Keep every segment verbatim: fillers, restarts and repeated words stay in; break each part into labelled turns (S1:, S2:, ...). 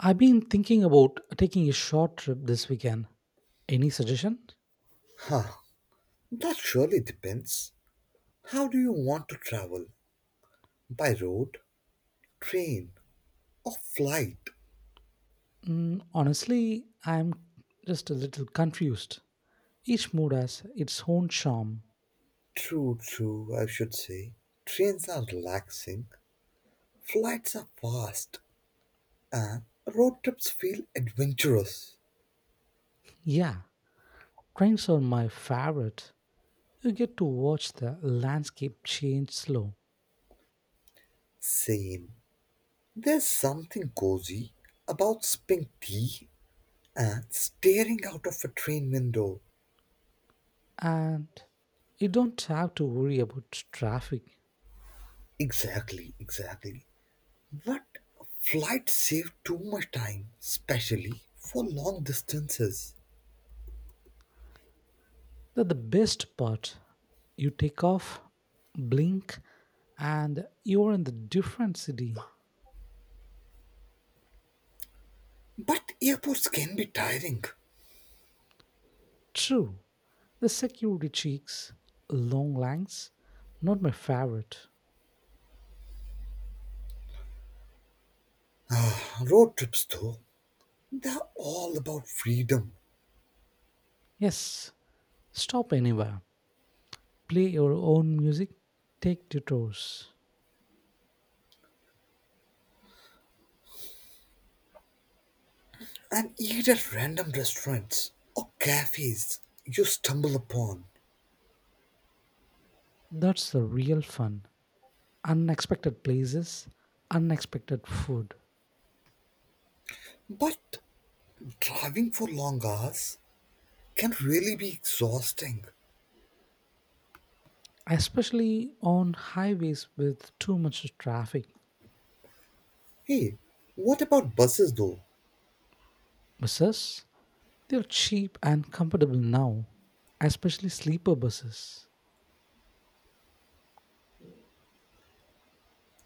S1: I've been thinking about taking a short trip this weekend. Any suggestion?
S2: Huh, that surely depends. How do you want to travel? By road, train, or flight?
S1: Mm, honestly, I'm just a little confused. Each mood has its own charm.
S2: True, true, I should say. Trains are relaxing, flights are fast, and road trips feel adventurous.
S1: Yeah, trains are my favorite. You get to watch the landscape change slow,
S2: Same. There's something cozy about sipping tea and staring out of a train window.
S1: and you don't have to worry about traffic.
S2: Exactly, exactly. But flights save too much time, especially for long distances.
S1: That's the best part. You take off, blink, and you're in the different city.
S2: But airports can be tiring.
S1: True. The security cheeks, long lines, not my favorite.
S2: Road trips, though, they're all about freedom.
S1: Yes, stop anywhere, play your own music, take detours.
S2: And eat at random restaurants or cafes you stumble upon.
S1: That's the real fun. Unexpected places, unexpected food,
S2: But driving for long hours can really be exhausting.
S1: especially on highways with too much traffic.
S2: Hey, what about buses, though?
S1: Buses, they're cheap and comfortable now, especially sleeper buses.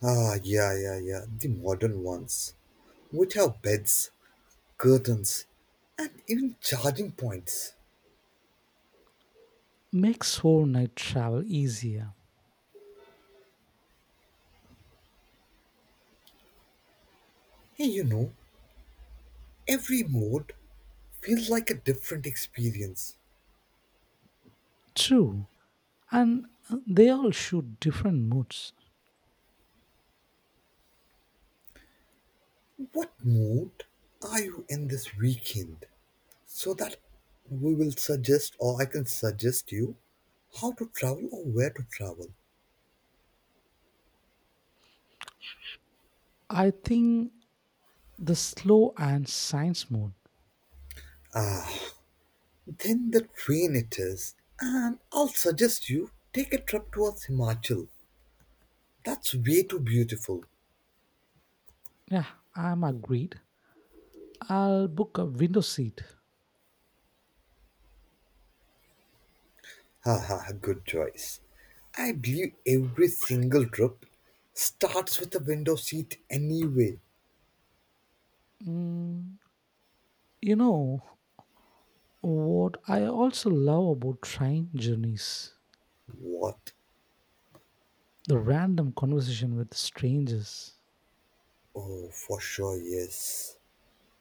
S2: Ah, yeah, yeah, yeah, the modern ones. Which have beds curtains, and even charging points.
S1: Makes whole night travel easier.
S2: Hey, you know, every mode feels like a different experience.
S1: True, and uh, they all shoot different moods.
S2: What mode are you in this weekend? So that we will suggest, or I can suggest you, how to travel or where to travel.
S1: I think the slow and science mode.
S2: Then the train it is, and I'll suggest you take a trip towards Himachal. That's way too beautiful.
S1: Yeah, I'm agreed. I'll book a window seat.
S2: Haha, good choice. I believe every single drip starts with a window seat anyway.
S1: Mm, you know what I also love about train journeys?
S2: What?
S1: The random conversation with strangers.
S2: Oh, for sure, yes.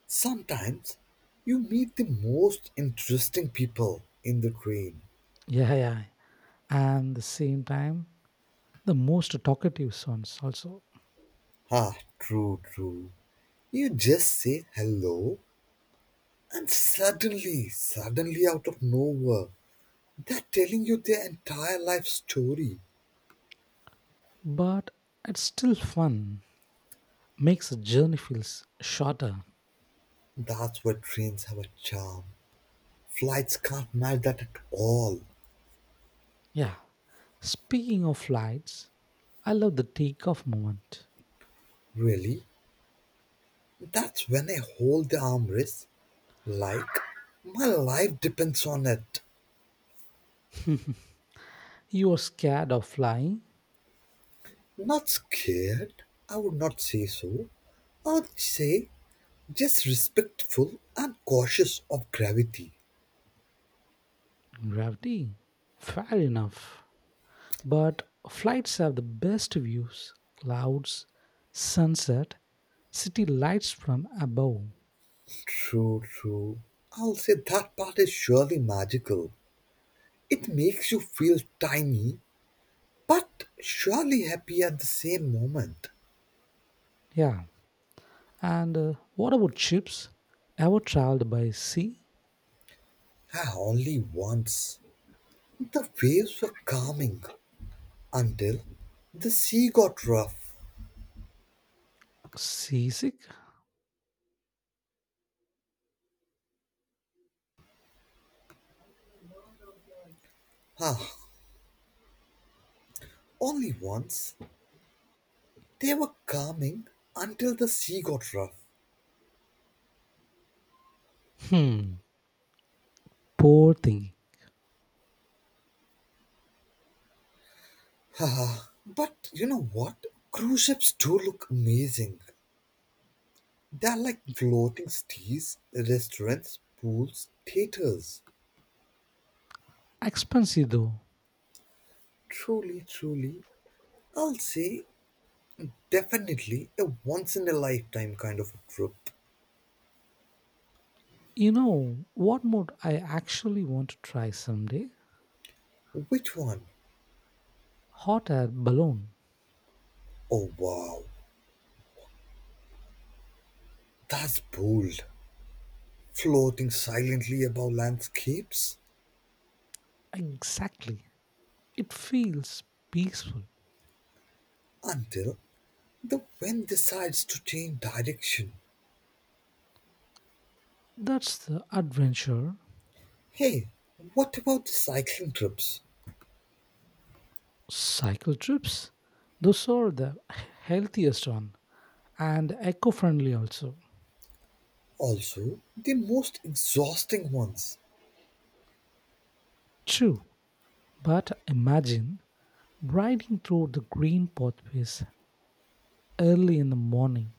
S2: Sometimes you meet the most interesting people in the train.
S1: Yeah, yeah. And the same time, the most talkative ones also.
S2: Ah, true, true. You just say hello, and suddenly, suddenly out of nowhere, they're telling you their entire life story.
S1: But it's still fun. Makes the journey feels shorter.
S2: That's where trains have a charm. Flights can't match that at all.
S1: Yeah. Speaking of flights, I love the takeoff moment.
S2: Really, that's when I hold the armrest like my life depends on it.
S1: You are scared of flying?
S2: Not scared, I would not say so. I would say just respectful and cautious of gravity.
S1: Gravity? Fair enough. But flights have the best views, clouds, sunset, city lights from above.
S2: True, true. I'll say that part is surely magical. It makes you feel tiny, but surely happy at the same moment.
S1: Yeah. And uh, what about ships? Ever traveled by sea?
S2: I only once. The waves were calming, until the sea got rough.
S1: Seasick?
S2: Ah, only once. They were calming until the sea got rough.
S1: Hmm. Poor thing.
S2: Ah, but you know what? Cruise ships do look amazing. They're like floating cities, restaurants, pools, theaters.
S1: Expensive though.
S2: Truly, truly, I'll say definitely a once in a lifetime kind of a trip.
S1: You know what mode I actually want to try someday?
S2: Which one?
S1: Hot air balloon.
S2: Oh wow, that's bold. Floating silently above landscapes?
S1: Exactly. It feels peaceful.
S2: Until the wind decides to change direction.
S1: That's the adventure.
S2: Hey, what about the cycling trips?
S1: Cycle trips, those are the healthiest one and eco friendly also.
S2: Also, the most exhausting ones.
S1: True, but imagine riding through the green pathways early in the morning.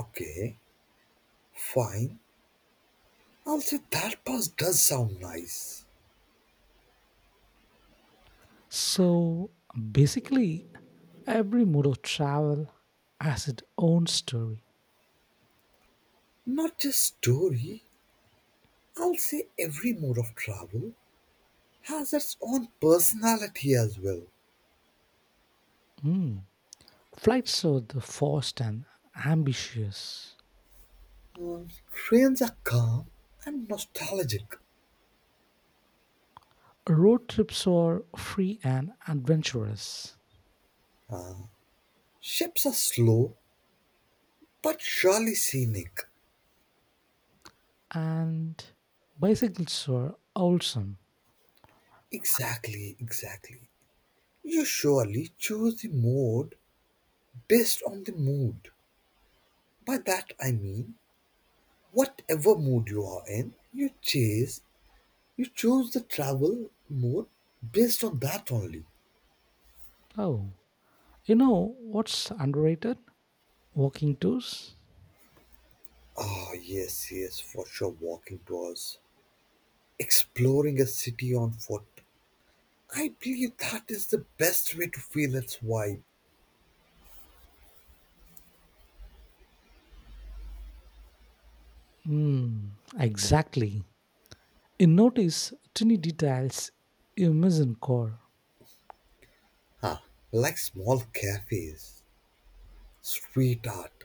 S2: Okay, fine. I'll say that pass does sound nice.
S1: So basically, every mode of travel has its own story.
S2: Not just story. I'll say every mode of travel has its own personality as well.
S1: Hmm. Flights are the fast and ambitious.
S2: Mm, Trains are calm and nostalgic.
S1: Road trips are free and adventurous.
S2: Ships are slow but surely scenic.
S1: And bicycles were awesome.
S2: Exactly, exactly. You surely choose the mode based on the mood. By that I mean, whatever mood you are in, you chase, you choose the travel mode based on that only.
S1: Oh, you know what's underrated? Walking tours.
S2: Ah, yes, yes, for sure, walking tours, exploring a city on foot. I believe that is the best way to feel its vibe.
S1: Hmm, exactly. You notice tiny details you miss in core,
S2: Huh, like small cafes, street art,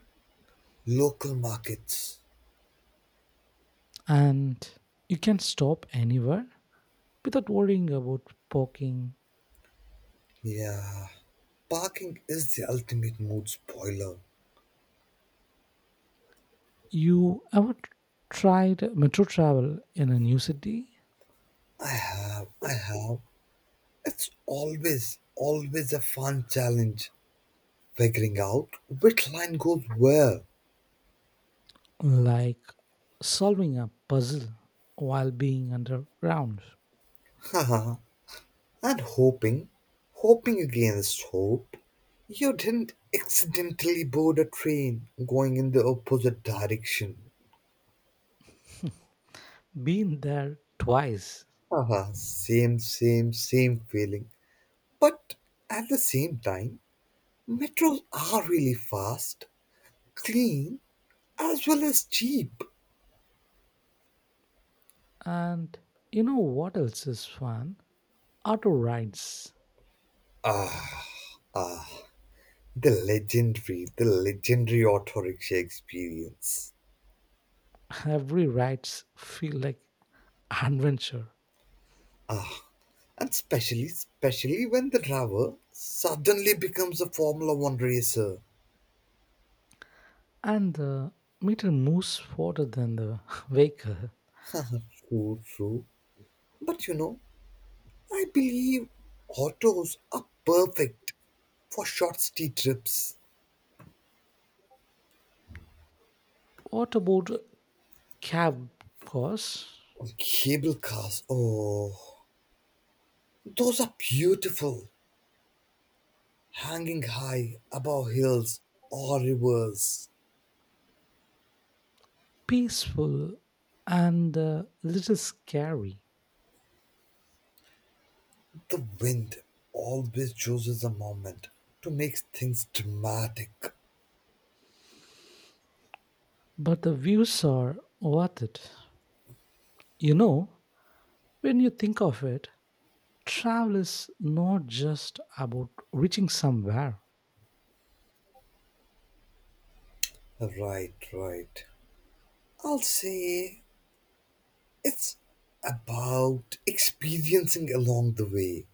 S2: local markets.
S1: and you can stop anywhere without worrying about parking.
S2: Yeah, parking is the ultimate mood spoiler.
S1: You ever t- tried metro travel in a new city?
S2: I have, I have. It's always, always a fun challenge figuring out which line goes where.
S1: Like solving a puzzle while being underground.
S2: Haha, and hoping, hoping against hope, you didn't accidentally board a train going in the opposite direction.
S1: Been there twice.
S2: Haha, same, same, same feeling. But at the same time, metros are really fast, clean, as well as cheap.
S1: And you know what else is fun? Auto rides.
S2: Ah, ah, the legendary, the legendary auto experience.
S1: Every rides feel like adventure.
S2: Ah, and especially, especially when the driver suddenly becomes a Formula One racer.
S1: And the meter moves faster than the vehicle.
S2: Ah, true, true. But you know, I believe autos are perfect for short city trips.
S1: What about cab cars?
S2: Cable cars, oh, those are beautiful, hanging high above hills or rivers.
S1: Peaceful and a little scary.
S2: The wind always chooses a moment to make things dramatic.
S1: But the views are worth it. You know, when you think of it, travel is not just about reaching somewhere.
S2: Right, right. I'll say it's about experiencing along the way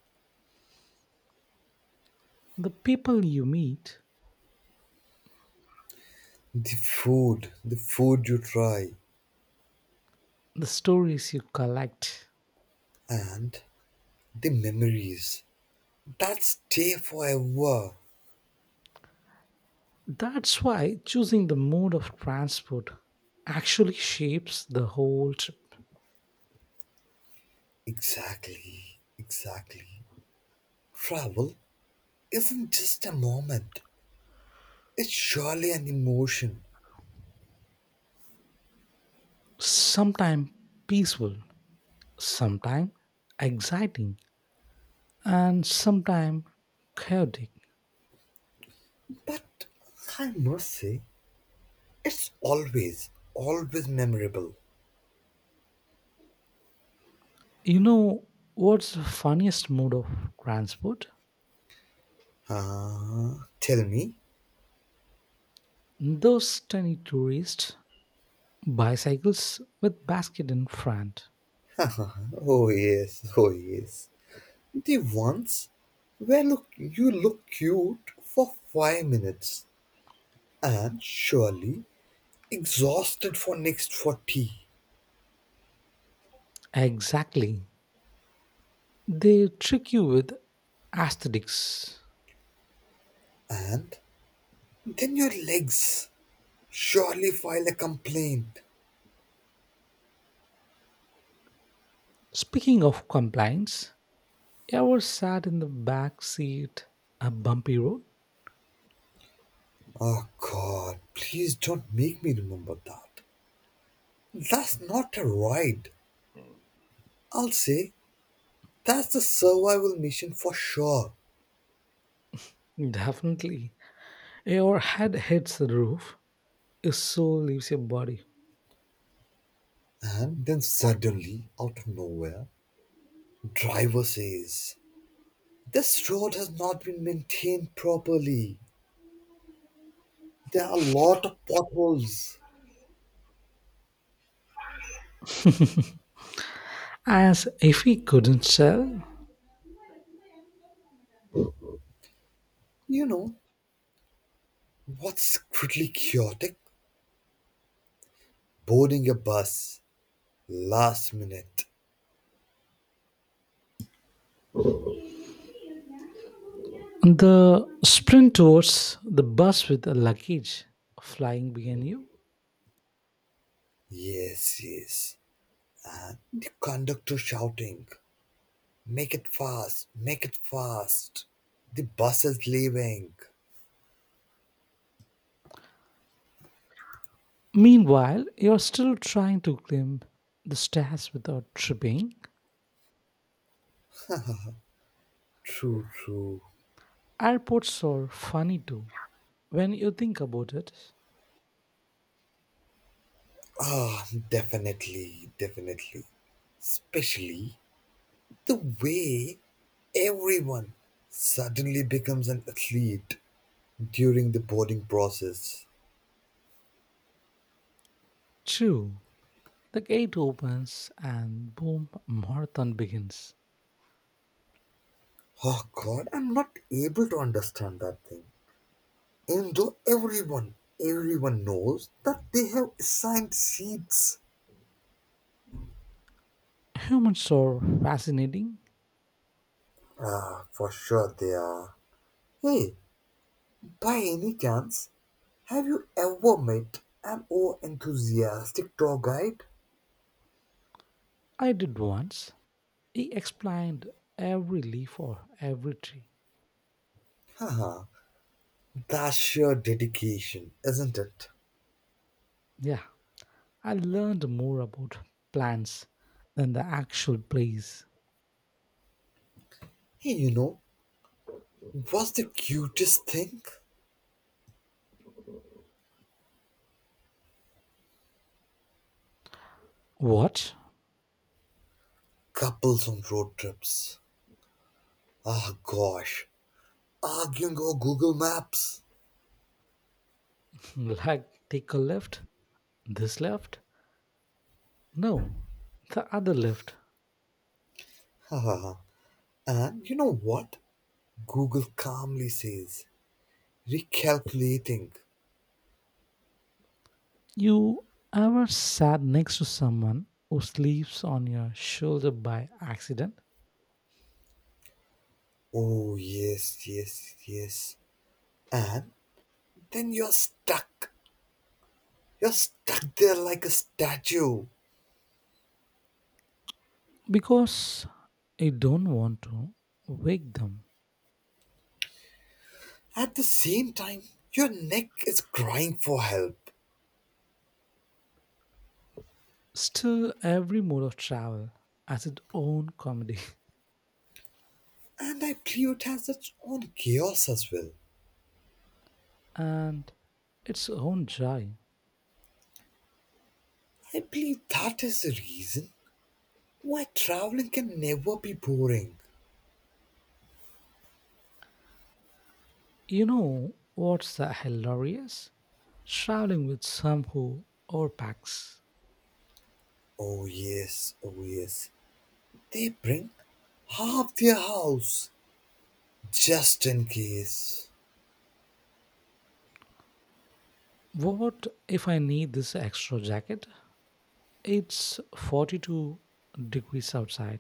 S1: The people you meet,
S2: the food, the food you try,
S1: the stories you collect.
S2: and the memories that stay forever.
S1: That's why choosing the mode of transport actually shapes the whole trip.
S2: Exactly, exactly. Travel isn't just a moment, it's surely an emotion.
S1: Sometimes peaceful, sometimes exciting, and sometimes chaotic.
S2: But I must say, it's always, always memorable.
S1: You know what's the funniest mode of transport?
S2: Ah, tell me.
S1: Those tiny tourist bicycles with basket in front.
S2: Oh yes, oh yes. The ones where look you look cute for five minutes and surely exhausted for next forty,
S1: Exactly. They trick you with aesthetics.
S2: and then your legs surely file a complaint.
S1: Speaking of compliance, you ever sat in the back seat, a bumpy road?
S2: Oh God, please don't make me remember that. That's not a ride. I'll say that's the survival mission for sure.
S1: Definitely. Your head hits the roof, your soul leaves your body.
S2: And then suddenly, out of nowhere, driver says, this road has not been maintained properly. There are a lot of potholes.
S1: As if he couldn't tell,
S2: You know, what's quickly chaotic? Boarding a bus. Last minute.
S1: the sprint towards the bus with the luggage flying behind you.
S2: Yes, yes. The conductor shouting, make it fast, make it fast. The bus is leaving.
S1: Meanwhile, you're still trying to climb the stairs without tripping.
S2: True, true.
S1: Airports are funny too. When you think about it,
S2: Ah, definitely, definitely. Especially the way everyone suddenly becomes an athlete during the boarding process.
S1: true. The gate opens and boom, marathon begins.
S2: Oh god, I'm not able to understand that thing. Even though everyone, everyone knows that they have assigned seats.
S1: Humans are fascinating.
S2: Ah, for sure they are. Hey, by any chance, have you ever met an oh enthusiastic tour guide?
S1: I did once. He explained every leaf or every tree.
S2: Haha, that's sheer dedication, isn't it?
S1: Yeah, I learned more about plants than the actual place.
S2: Hey, you know, what's the cutest thing?
S1: What?
S2: Couples on road trips. Ah, gosh. Arguing over Google Maps.
S1: Like take a left? This left? No, the other left.
S2: Haha. And you know what? Google calmly says, recalculating.
S1: You ever sat next to someone who sleeps on your shoulder by accident?
S2: Oh, yes, yes, yes. And then you're stuck. You're stuck there like a statue.
S1: Because you don't want to wake them.
S2: At the same time, your neck is crying for help.
S1: Still, every mode of travel has its own comedy
S2: And I believe it has its own chaos as well.
S1: and its own joy.
S2: I believe that is the reason why traveling can never be boring.
S1: You know what's the hilarious? Traveling with some who overpacks.
S2: Oh yes, oh yes. They bring half their house just in case.
S1: What if I need this extra jacket? It's forty-two degrees outside.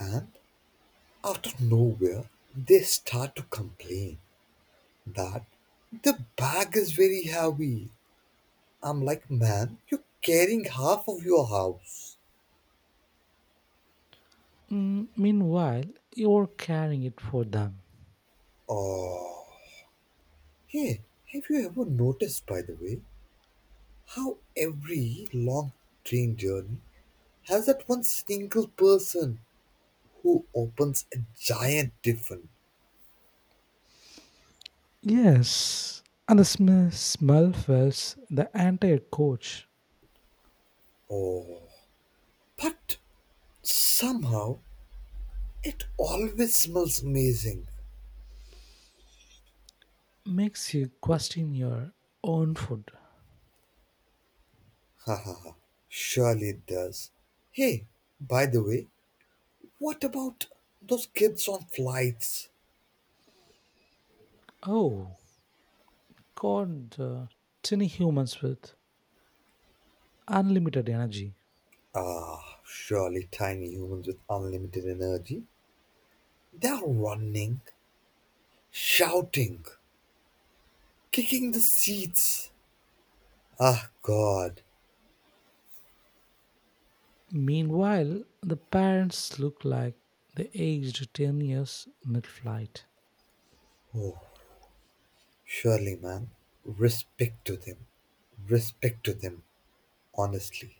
S2: And out of nowhere, they start to complain that the bag is very heavy. I'm like, man, you're carrying half of your house.
S1: Mm, meanwhile, you're carrying it for them.
S2: Oh, hey, have you ever noticed, by the way, how every long train journey has that one single person who opens a giant tiffin.
S1: Yes, and the sm- smell fills the entire coach,
S2: Oh, but somehow it always smells amazing.
S1: makes you question your own food.
S2: Ha ha ha. Surely it does. Hey, by the way, what about those kids on flights?
S1: Oh, God, uh, tiny humans with unlimited energy.
S2: Ah, surely tiny humans with unlimited energy. They are running, shouting, kicking the seats. Ah, God.
S1: Meanwhile, the parents look like they aged ten years mid flight.
S2: Surely, man. Respect to them. Respect to them, honestly.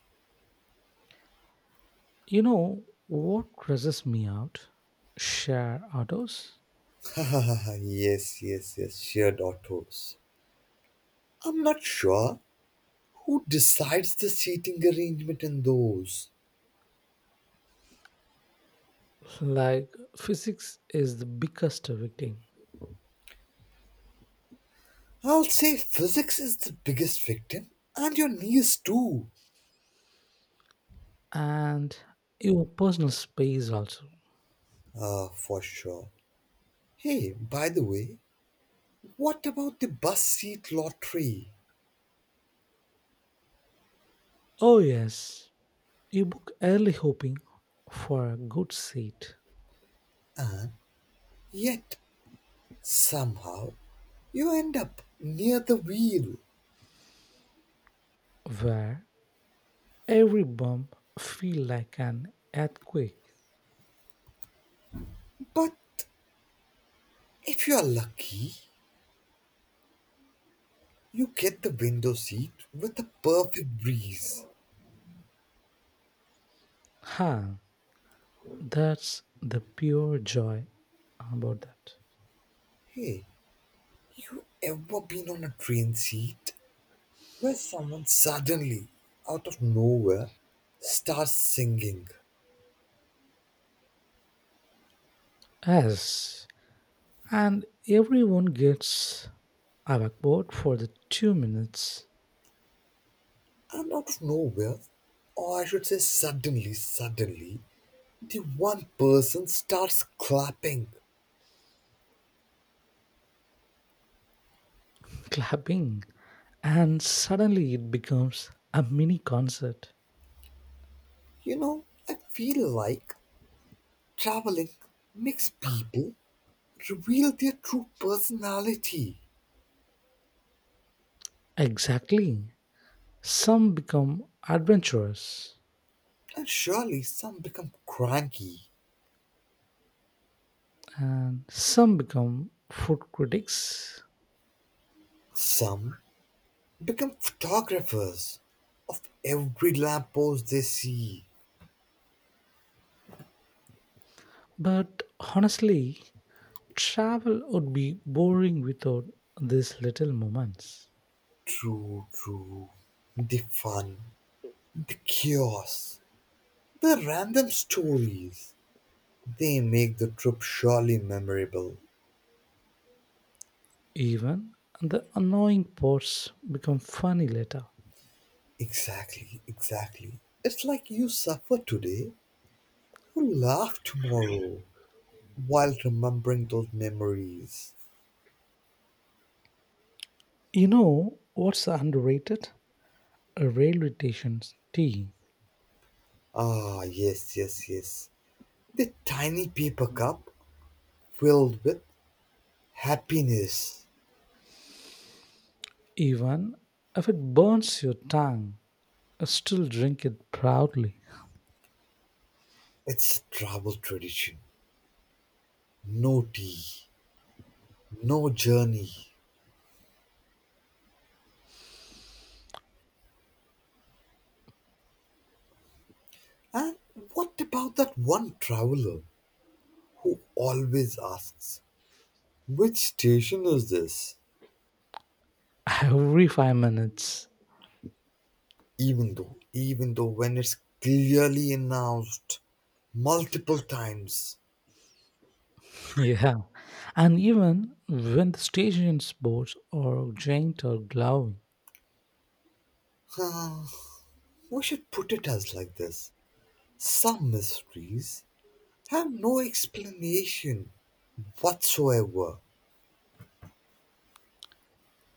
S1: You know what stresses me out? Share autos.
S2: Yes, yes, yes, shared autos. I'm not sure who decides the seating arrangement in those.
S1: Like, physics is the biggest victim,
S2: I'll say physics is the biggest victim, and your knees too.
S1: and your personal space also.
S2: Uh, for sure. Hey, by the way, what about the bus seat lottery?
S1: Oh, yes, you book early hoping for a good seat
S2: Yet, somehow, you end up near the wheel.
S1: where every bump feel like an earthquake.
S2: But if you are lucky, you get the window seat with a perfect breeze.
S1: Huh, that's the pure joy about that.
S2: Hey, you ever been on a train seat where someone suddenly, out of nowhere, starts singing?
S1: Yes, and everyone gets overboard for the two minutes
S2: And out of nowhere, or I should say suddenly, suddenly, the one person starts clapping.
S1: clapping, and suddenly it becomes a mini concert.
S2: You know, I feel like traveling makes people reveal their true personality.
S1: Exactly. Some become adventurers,
S2: And surely some become cranky,
S1: and some become food critics.
S2: some become photographers of every lamppost they see.
S1: But honestly, travel would be boring without these little moments.
S2: True, true. The fun, the chaos, the random stories. They make the trip surely memorable.
S1: Even the annoying parts become funny later.
S2: Exactly, exactly. It's like you suffer today, you laugh tomorrow while remembering those memories.
S1: You know what's underrated? A railway station's tea.
S2: Ah, yes, yes, yes. The tiny paper cup filled with happiness.
S1: Even if it burns your tongue, I still drink it proudly
S2: It's a travel tradition. No tea, no journey. And what about that one traveler who always asks, which station is this?
S1: every five minutes.
S2: Even though, even though when it's clearly announced multiple times.
S1: Yeah. And even when the station's boats are giant or glowing,
S2: Huh, we should put it as like this. Some mysteries have no explanation whatsoever.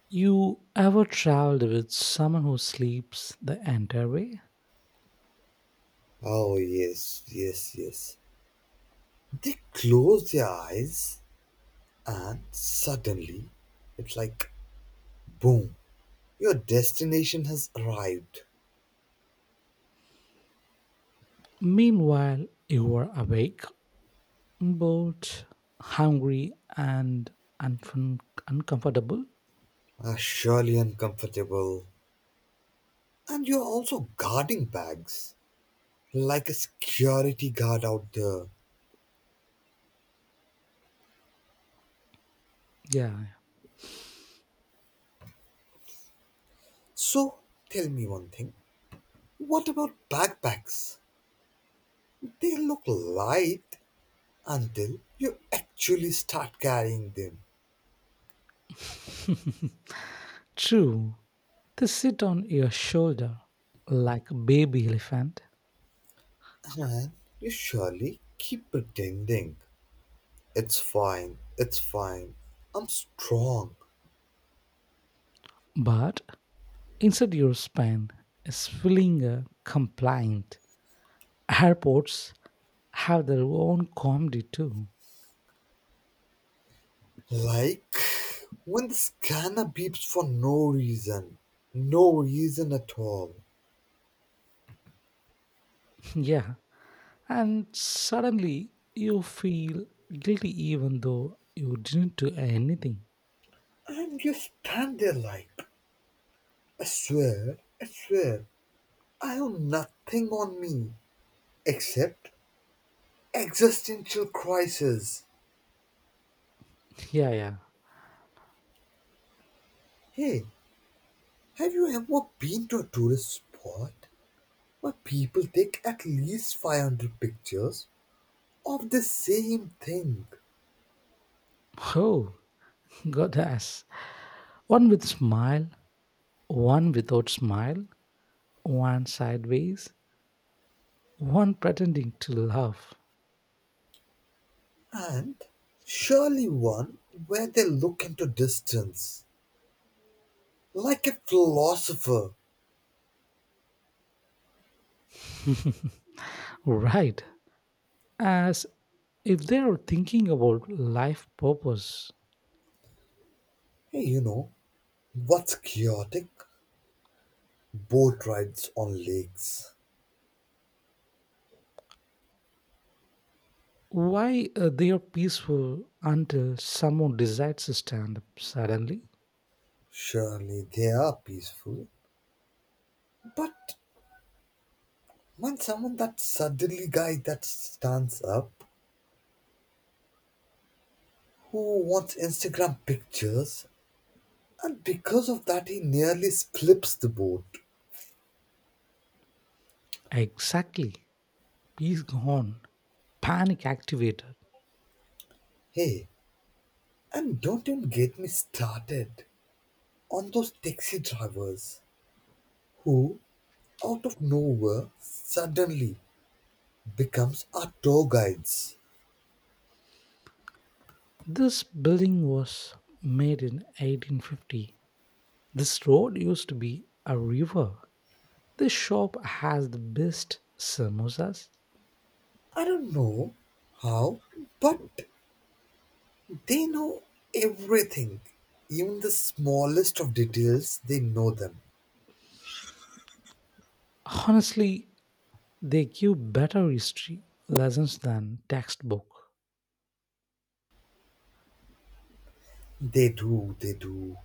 S1: you ever traveled with someone who sleeps the entire way?
S2: Oh, yes, yes, yes. They close their eyes and suddenly, it's like boom, your destination has arrived.
S1: Meanwhile, you were awake, bored, hungry, and unfun- uncomfortable.
S2: Ah, surely uncomfortable. And you're also guarding bags like a security guard out there.
S1: Yeah,
S2: So, tell me one thing, what about backpacks? They look light until you actually start carrying them.
S1: true. They sit on your shoulder like a baby elephant,
S2: And you surely keep pretending. It's fine, it's fine. I'm strong.
S1: but inside your spine is feeling a compliant. Airports have their own comedy too.
S2: Like when the scanner beeps for no reason, no reason at all,
S1: Yeah, and suddenly you feel guilty even though you didn't do anything.
S2: and you stand there like, I swear, I swear, I have nothing on me except existential crisis.
S1: Yeah, yeah.
S2: Hey, have you ever been to a tourist spot where people take at least five hundred pictures of the same thing
S1: Oh, goddess. One with smile, one without smile, one sideways, one pretending to love.
S2: and surely one where they look into distance? Like a philosopher.
S1: Right. As if they are thinking about life purpose.
S2: Hey, you know, what's chaotic? Boat rides on lakes.
S1: Why uh, they are peaceful until someone decides to stand up suddenly?
S2: Surely they are peaceful. But when someone that suddenly guy that stands up, who wants Instagram pictures, and because of that he nearly slips the boat.
S1: Exactly. Peace gone. Panic activated.
S2: Hey, and don't even get me started on those taxi drivers who, out of nowhere, suddenly becomes our tour guides.
S1: This building was made in eighteen fifty. This road used to be a river. This shop has the best samosas.
S2: I don't know how, but they know everything. Even the smallest of details, they know them.
S1: Honestly, they give better history lessons than textbook.
S2: They do, they do.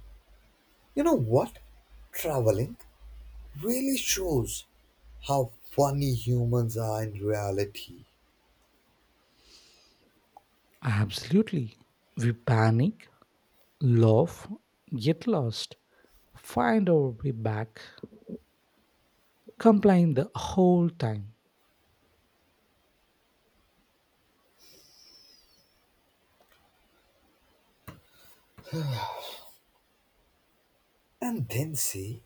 S2: You know what? Traveling really shows how funny humans are in reality.
S1: Absolutely. We panic, laugh, get lost, find our way back, complain the whole time.
S2: And then say,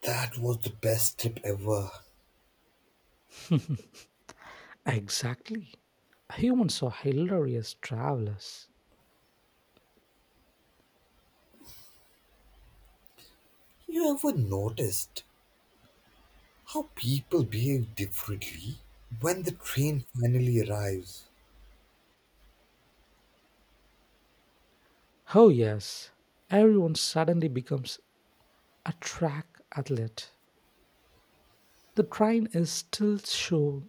S2: that was the best trip ever.
S1: Exactly. Humans are hilarious travelers.
S2: You ever noticed how people behave differently when the train finally arrives?
S1: Oh yes, everyone suddenly becomes a track athlete. The train is still shown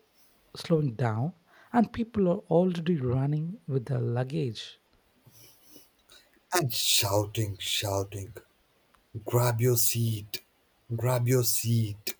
S1: slowing down, and people are already running with their luggage
S2: And shouting, shouting. Grab your seat. Grab your seat.